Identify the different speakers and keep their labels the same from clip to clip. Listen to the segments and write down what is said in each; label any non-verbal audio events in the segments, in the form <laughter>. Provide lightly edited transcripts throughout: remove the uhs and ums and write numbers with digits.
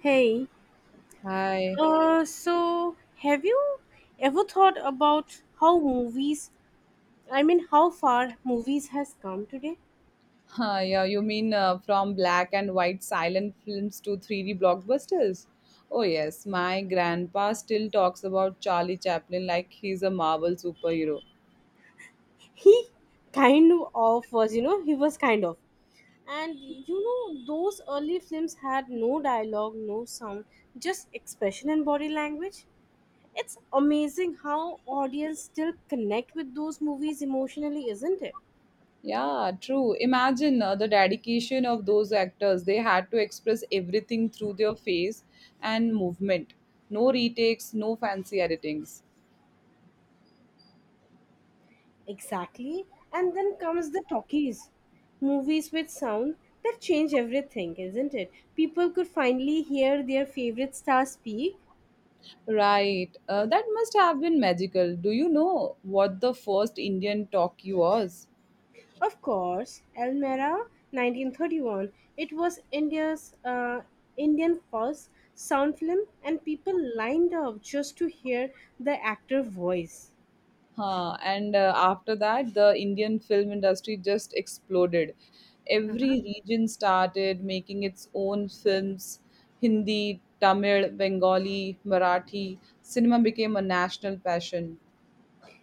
Speaker 1: Hey,
Speaker 2: Hi.
Speaker 1: so have you ever thought about how how far movies has come today?
Speaker 2: Huh, yeah, you mean from black and white silent films to 3D blockbusters? Oh, yes, my grandpa still talks about Charlie Chaplin like he's a Marvel superhero.
Speaker 1: <laughs> He kind of was, you know, he was kind of. And you know, those early films had no dialogue, no sound, just expression and body language. It's amazing how audience still connect with those movies emotionally, isn't it?
Speaker 2: Yeah, true. Imagine the dedication of those actors. They had to express everything through their face and movement. No retakes, no fancy editings.
Speaker 1: Exactly. And then comes the talkies. Movies with sound that change everything, isn't it? People could finally hear their favorite star speak.
Speaker 2: Right. That must have been magical. Do you know what the first Indian talkie was?
Speaker 1: Of course, Elmira 1931. It was India's Indian first sound film and people lined up just to hear the actor voice.
Speaker 2: Huh. And after that, the Indian film industry just exploded. Every region started making its own films Hindi, Tamil, Bengali, Marathi. Cinema became a national passion.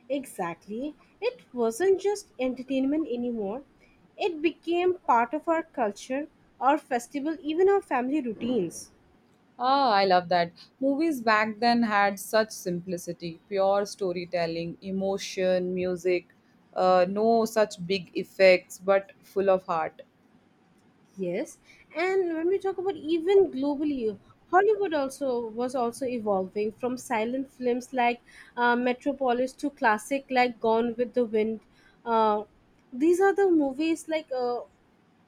Speaker 1: Exactly. It wasn't just entertainment anymore. It became part of our culture, our festival, even our family routines.
Speaker 2: Ah, I love that. Movies back then had such simplicity, pure storytelling, emotion, music, no such big effects, but full of heart.
Speaker 1: Yes, and when we talk about even globally, Hollywood also was also evolving from silent films like Metropolis to classic like Gone with the Wind. Uh, these are the movies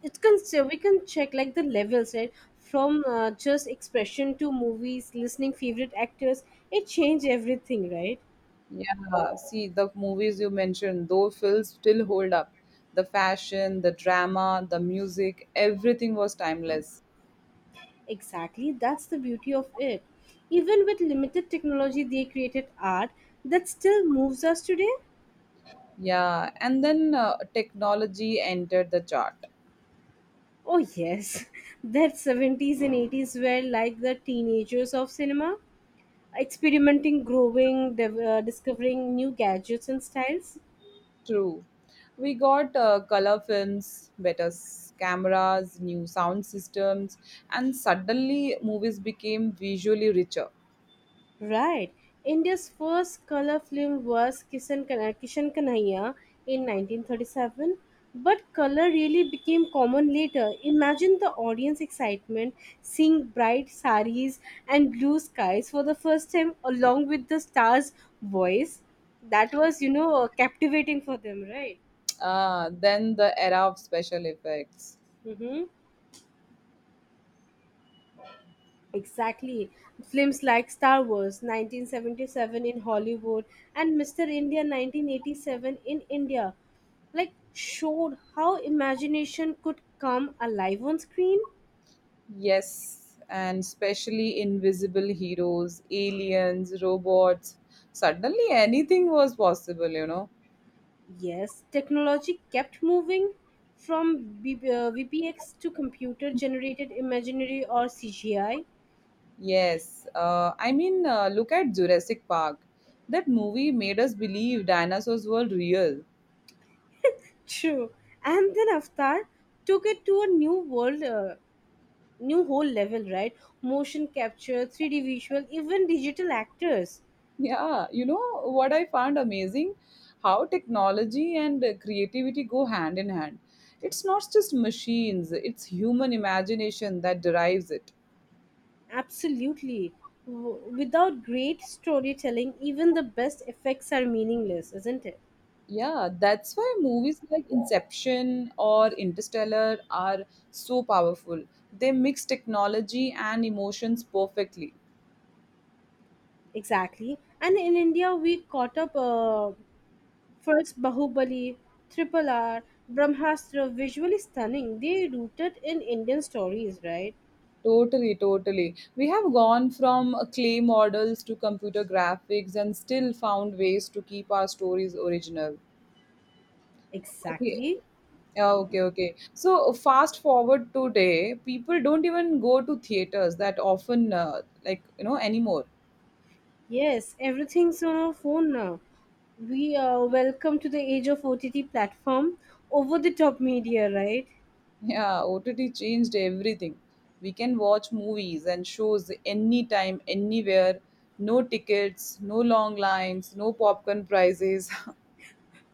Speaker 1: it can so we can check like the levels right from just expression to movies, listening favorite actors. It changed everything, right?
Speaker 2: Yeah, see the movies you mentioned, those films still hold up. The fashion, the drama, the music, everything was timeless.
Speaker 1: Exactly, that's the beauty of it. Even with limited technology, they created art that still moves us today.
Speaker 2: Yeah, and then technology entered the chart.
Speaker 1: Oh yes, <laughs> that 70's and 80's were like the teenagers of cinema, experimenting, growing, discovering new gadgets and styles.
Speaker 2: True. We got color films, better cameras, new sound systems, and suddenly movies became visually richer.
Speaker 1: Right. India's first color film was Kishan Kanhaiya in 1937. But color really became common later. Imagine the audience excitement seeing bright saris and blue skies for the first time along with the star's voice. That was, you know, captivating for them, right?
Speaker 2: Then the era of special effects.
Speaker 1: Mm-hmm. Exactly. Films like Star Wars 1977 in Hollywood and Mr. India 1987 in India like showed how imagination could come alive on screen.
Speaker 2: Yes, and especially invisible heroes, aliens, robots. Suddenly anything was possible, you know.
Speaker 1: Yes, technology kept moving from VPX to computer generated imaginary or CGI.
Speaker 2: Yes, look at Jurassic Park. That movie made us believe dinosaurs were real. <laughs>
Speaker 1: True. And then Avatar took it to a new whole level, right? Motion capture, 3D visual, even digital actors.
Speaker 2: Yeah, you know what I found amazing? How technology and creativity go hand in hand. It's not just machines, it's human imagination that derives it.
Speaker 1: Absolutely. Without great storytelling, even the best effects are meaningless, isn't it?
Speaker 2: Yeah, that's why movies like Inception or Interstellar are so powerful. They mix technology and emotions perfectly.
Speaker 1: Exactly. And in India, we caught up first Bahubali, Triple R, Brahmastra, visually stunning. They rooted in Indian stories, right?
Speaker 2: Totally. We have gone from clay models to computer graphics and still found ways to keep our stories original. Okay.
Speaker 1: Exactly.
Speaker 2: Yeah, okay, okay. So fast forward today, people don't even go to theaters that often, anymore.
Speaker 1: Yes, everything's on our phone now. We are welcome to the age of OTT platform, over the top media, right?
Speaker 2: Yeah, OTT changed everything. We can watch movies and shows anytime, anywhere. No tickets, no long lines, no popcorn prices.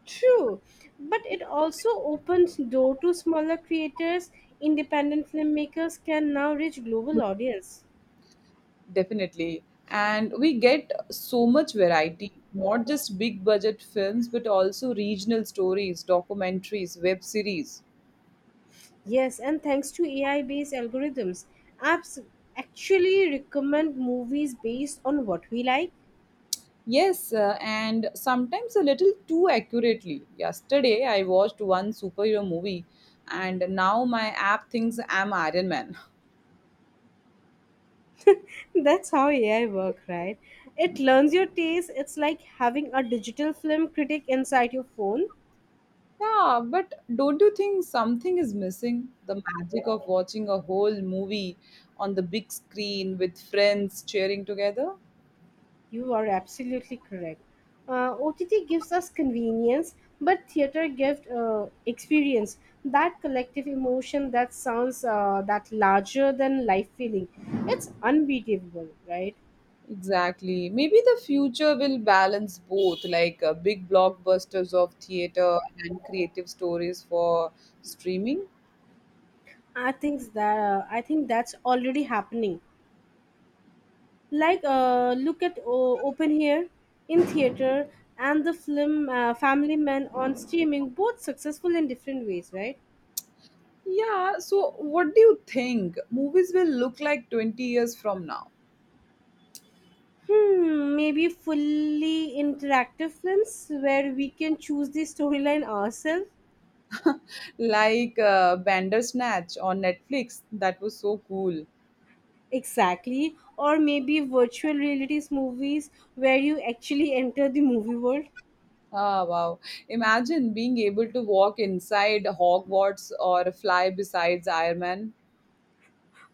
Speaker 1: True, but it also opens door to smaller creators. Independent filmmakers can now reach global audience.
Speaker 2: <laughs> Definitely. And we get so much variety, not just big budget films, but also regional stories, documentaries, web series.
Speaker 1: Yes, and thanks to AI-based algorithms, apps actually recommend movies based on what we like.
Speaker 2: Yes, and sometimes a little too accurately. Yesterday, I watched one superhero movie, and now my app thinks I'm Iron Man. <laughs>
Speaker 1: <laughs> That's how AI work, right? It learns your taste. It's like having a digital film critic inside your phone.
Speaker 2: Yeah, but don't you think something is missing? The magic of watching a whole movie on the big screen with friends cheering together?
Speaker 1: You are absolutely correct. OTT gives us convenience, but theater gives experience. That collective emotion that sounds that larger than life feeling. It's unbeatable, right?
Speaker 2: Exactly. Maybe the future will balance both, like big blockbusters of theater and creative stories for streaming.
Speaker 1: I think that's already happening. Like look at Open Here in theater and the film Family Man on streaming, both successful in different ways, right?
Speaker 2: Yeah, so what do you think? Movies will look like 20 years from now,
Speaker 1: Hmm, maybe fully interactive films where we can choose the storyline ourselves.
Speaker 2: like Bandersnatch on Netflix. That was so cool.
Speaker 1: Exactly. Or maybe virtual realities movies where you actually enter the movie world.
Speaker 2: Ah, wow. Imagine being able to walk inside Hogwarts or fly besides Iron Man.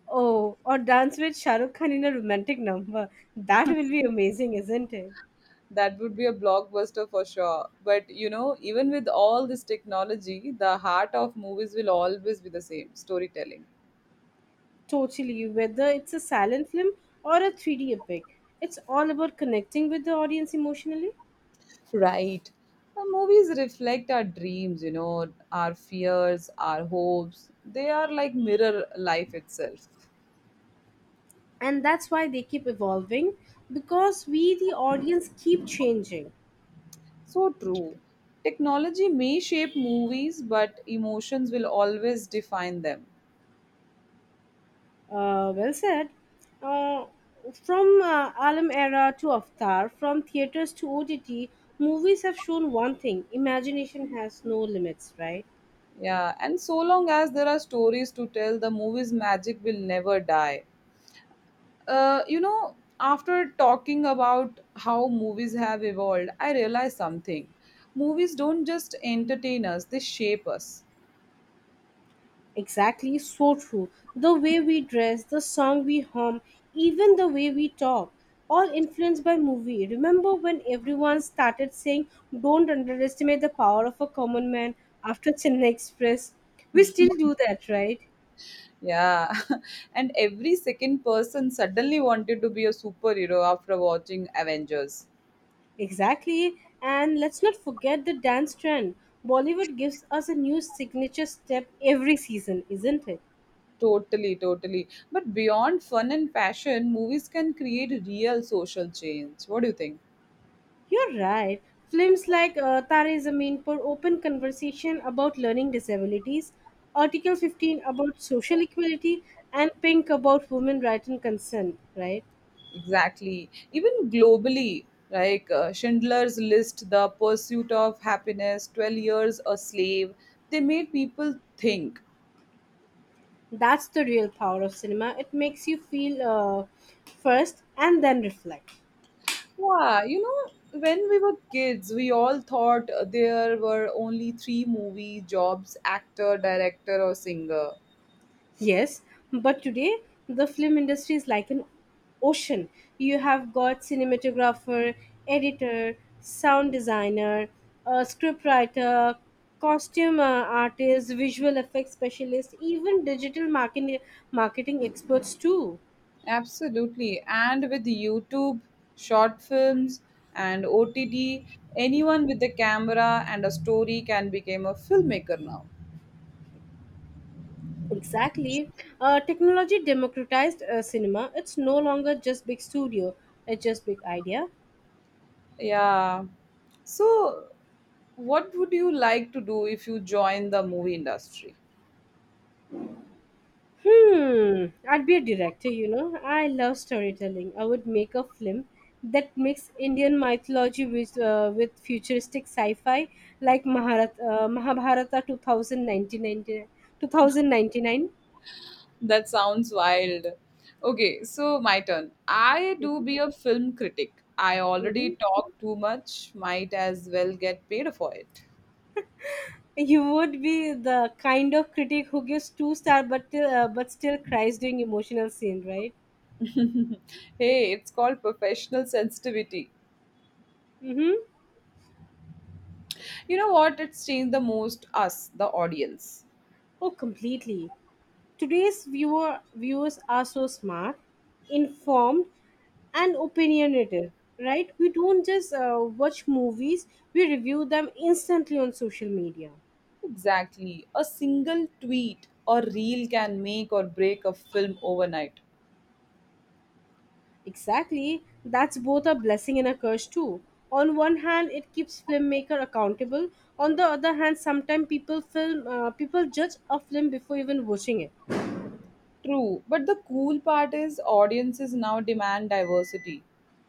Speaker 1: Oh, or dance with Shah Rukh Khan in a romantic number. That will be amazing, isn't it?
Speaker 2: That would be a blockbuster for sure. But you know, even with all this technology, the heart of movies will always be the same storytelling.
Speaker 1: Totally. Whether it's a silent film or a 3D epic, it's all about connecting with the audience emotionally.
Speaker 2: Right. The movies reflect our dreams, you know, our fears, our hopes. They are like mirror life itself.
Speaker 1: And that's why they keep evolving because we, the audience, keep changing.
Speaker 2: So true. Technology may shape movies, but emotions will always define them.
Speaker 1: Well said. Uh, from Alam era to Avatar, from theaters to OTT, movies have shown one thing imagination has no limits, right?
Speaker 2: Yeah, and so long as there are stories to tell, the movie's magic will never die. You know, after talking about how movies have evolved, I realized something. Movies don't just entertain us, they shape us.
Speaker 1: Exactly, so true. The way we dress, the song we hum, even the way we talk, all influenced by movie. Remember when everyone started saying, don't underestimate the power of a common man after Chennai Express? We still do that, right?
Speaker 2: Yeah, <laughs> and every second person suddenly wanted to be a superhero after watching Avengers.
Speaker 1: Exactly. And let's not forget the dance trend. Bollywood gives us a new signature step every season, isn't it?
Speaker 2: Totally. But beyond fun and fashion, movies can create real social change. What do you think?
Speaker 1: You're right. Films like Tare Zameen Par open conversation about learning disabilities, Article 15 about social equality, and Pink about women rights and consent, right?
Speaker 2: Exactly. Even globally, like Schindler's List, The Pursuit of Happiness, 12 Years a Slave, they made people think.
Speaker 1: That's the real power of cinema. It makes you feel first and then reflect.
Speaker 2: Yeah, you know, when we were kids, we all thought there were only three movie jobs actor, director, or singer.
Speaker 1: Yes, but today the film industry is like an ocean. You have got cinematographer, editor, sound designer, script writer, costume artist, visual effects specialist, even digital marketing experts too.
Speaker 2: Absolutely. And with YouTube, short films, and OTT, anyone with a camera and a story can become a filmmaker now.
Speaker 1: Exactly. Technology democratized cinema. It's no longer just big studio. It's just big idea.
Speaker 2: Yeah. So, what would you like to do if you join the movie industry?
Speaker 1: Hmm, I'd be a director, you know. I love storytelling. I would make a film that mix Indian mythology with with futuristic sci-fi like Mahabharata 2099. 2099.
Speaker 2: That sounds wild. Okay, so my turn. I do be a film critic. I already
Speaker 1: Hmm.
Speaker 2: talk too much, might as well get paid for it.
Speaker 1: You would be the kind of critic who gives two star but still cries during emotional scene, right?
Speaker 2: <laughs> Hey, it's called professional sensitivity.
Speaker 1: Mm-hmm.
Speaker 2: You know what? It's changed the most us, the audience.
Speaker 1: Oh, completely. Viewers are so smart, informed, and opinionated, right? We don't just watch movies, we review them instantly on social media.
Speaker 2: Exactly. A single tweet or reel can make or break a film overnight.
Speaker 1: Exactly, that's both a blessing and a curse too. On one hand, it keeps filmmaker accountable. On the other hand, sometimes people judge a film before even watching it.
Speaker 2: True, but the cool part is audiences now demand diversity.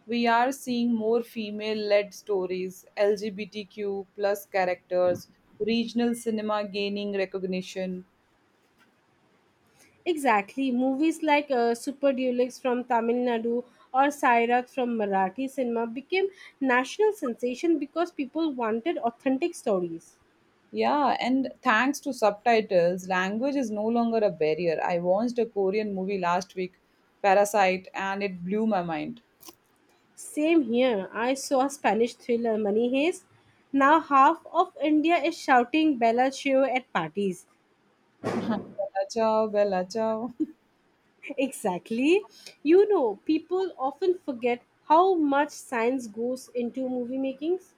Speaker 2: We are seeing more female-led stories, LGBTQ plus characters, regional cinema gaining recognition.
Speaker 1: Exactly. Movies like Super Deluxe from Tamil Nadu or Sairat from Marathi cinema became national sensation because people wanted authentic stories.
Speaker 2: Yeah, and thanks to subtitles, language is no longer a barrier. I watched a Korean movie last week, Parasite, and it blew my mind.
Speaker 1: Same here. I saw a Spanish thriller Money Heist. Now half of India is shouting Bella Chao at parties.
Speaker 2: <laughs> Bella ciao, bella ciao.
Speaker 1: <laughs> Exactly. You know, people often forget how much science goes into movie makings.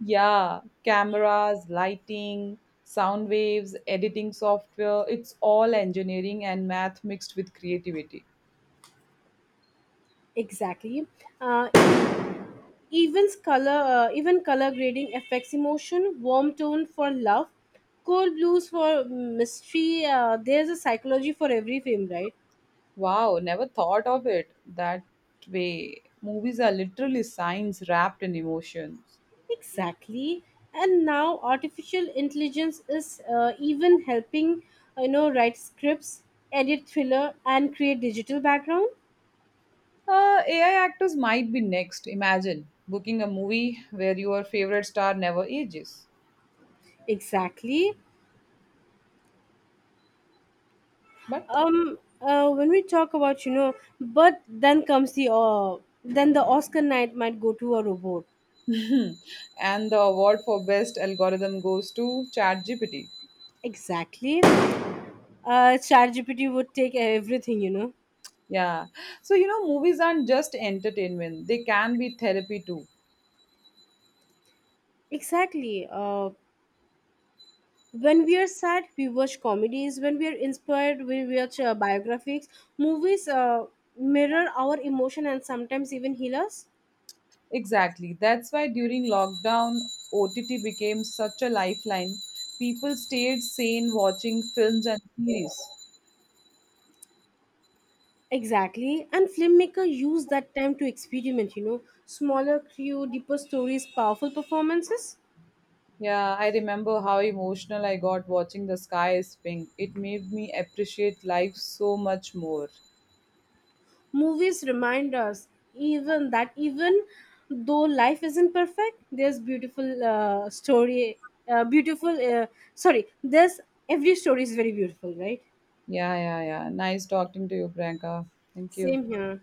Speaker 2: Yeah, cameras, lighting, sound waves, editing software, it's all engineering and math mixed with creativity.
Speaker 1: Exactly. Uh, Even color grading affects emotion. Warm tone for love, cold blues for mystery. There's a psychology for every film, right?
Speaker 2: Wow, never thought of it that way. Movies are literally science wrapped in emotions.
Speaker 1: Exactly. And now artificial intelligence is even helping, you know, write scripts, edit thriller, and create digital background.
Speaker 2: AI actors might be next. Imagine booking a movie where your favorite star never ages.
Speaker 1: Exactly.
Speaker 2: But
Speaker 1: When we talk about you know, but then comes the Then the Oscar night might go to a robot.
Speaker 2: <laughs> and the award for best algorithm goes to ChatGPT.
Speaker 1: Exactly. ChatGPT would take everything, you know.
Speaker 2: Yeah. So, you know, movies aren't just entertainment, they can be therapy too.
Speaker 1: Exactly. When we are sad, we watch comedies. When we are inspired, we watch biographies. Movies mirror our emotion and sometimes even heal us.
Speaker 2: Exactly. That's why during lockdown, OTT became such a lifeline. People stayed sane watching films and series.
Speaker 1: Exactly. And filmmaker use that time to experiment, you know. Smaller crew, deeper stories, powerful performances.
Speaker 2: Yeah, I remember how emotional I got watching The Sky is Pink. It made me appreciate life so much more.
Speaker 1: Movies remind us even though life isn't perfect, there's beautiful story, beautiful. Sorry, there's every story is very beautiful, right?
Speaker 2: Yeah, yeah, yeah. Nice talking to you, Priyanka. Thank you.
Speaker 1: Same here.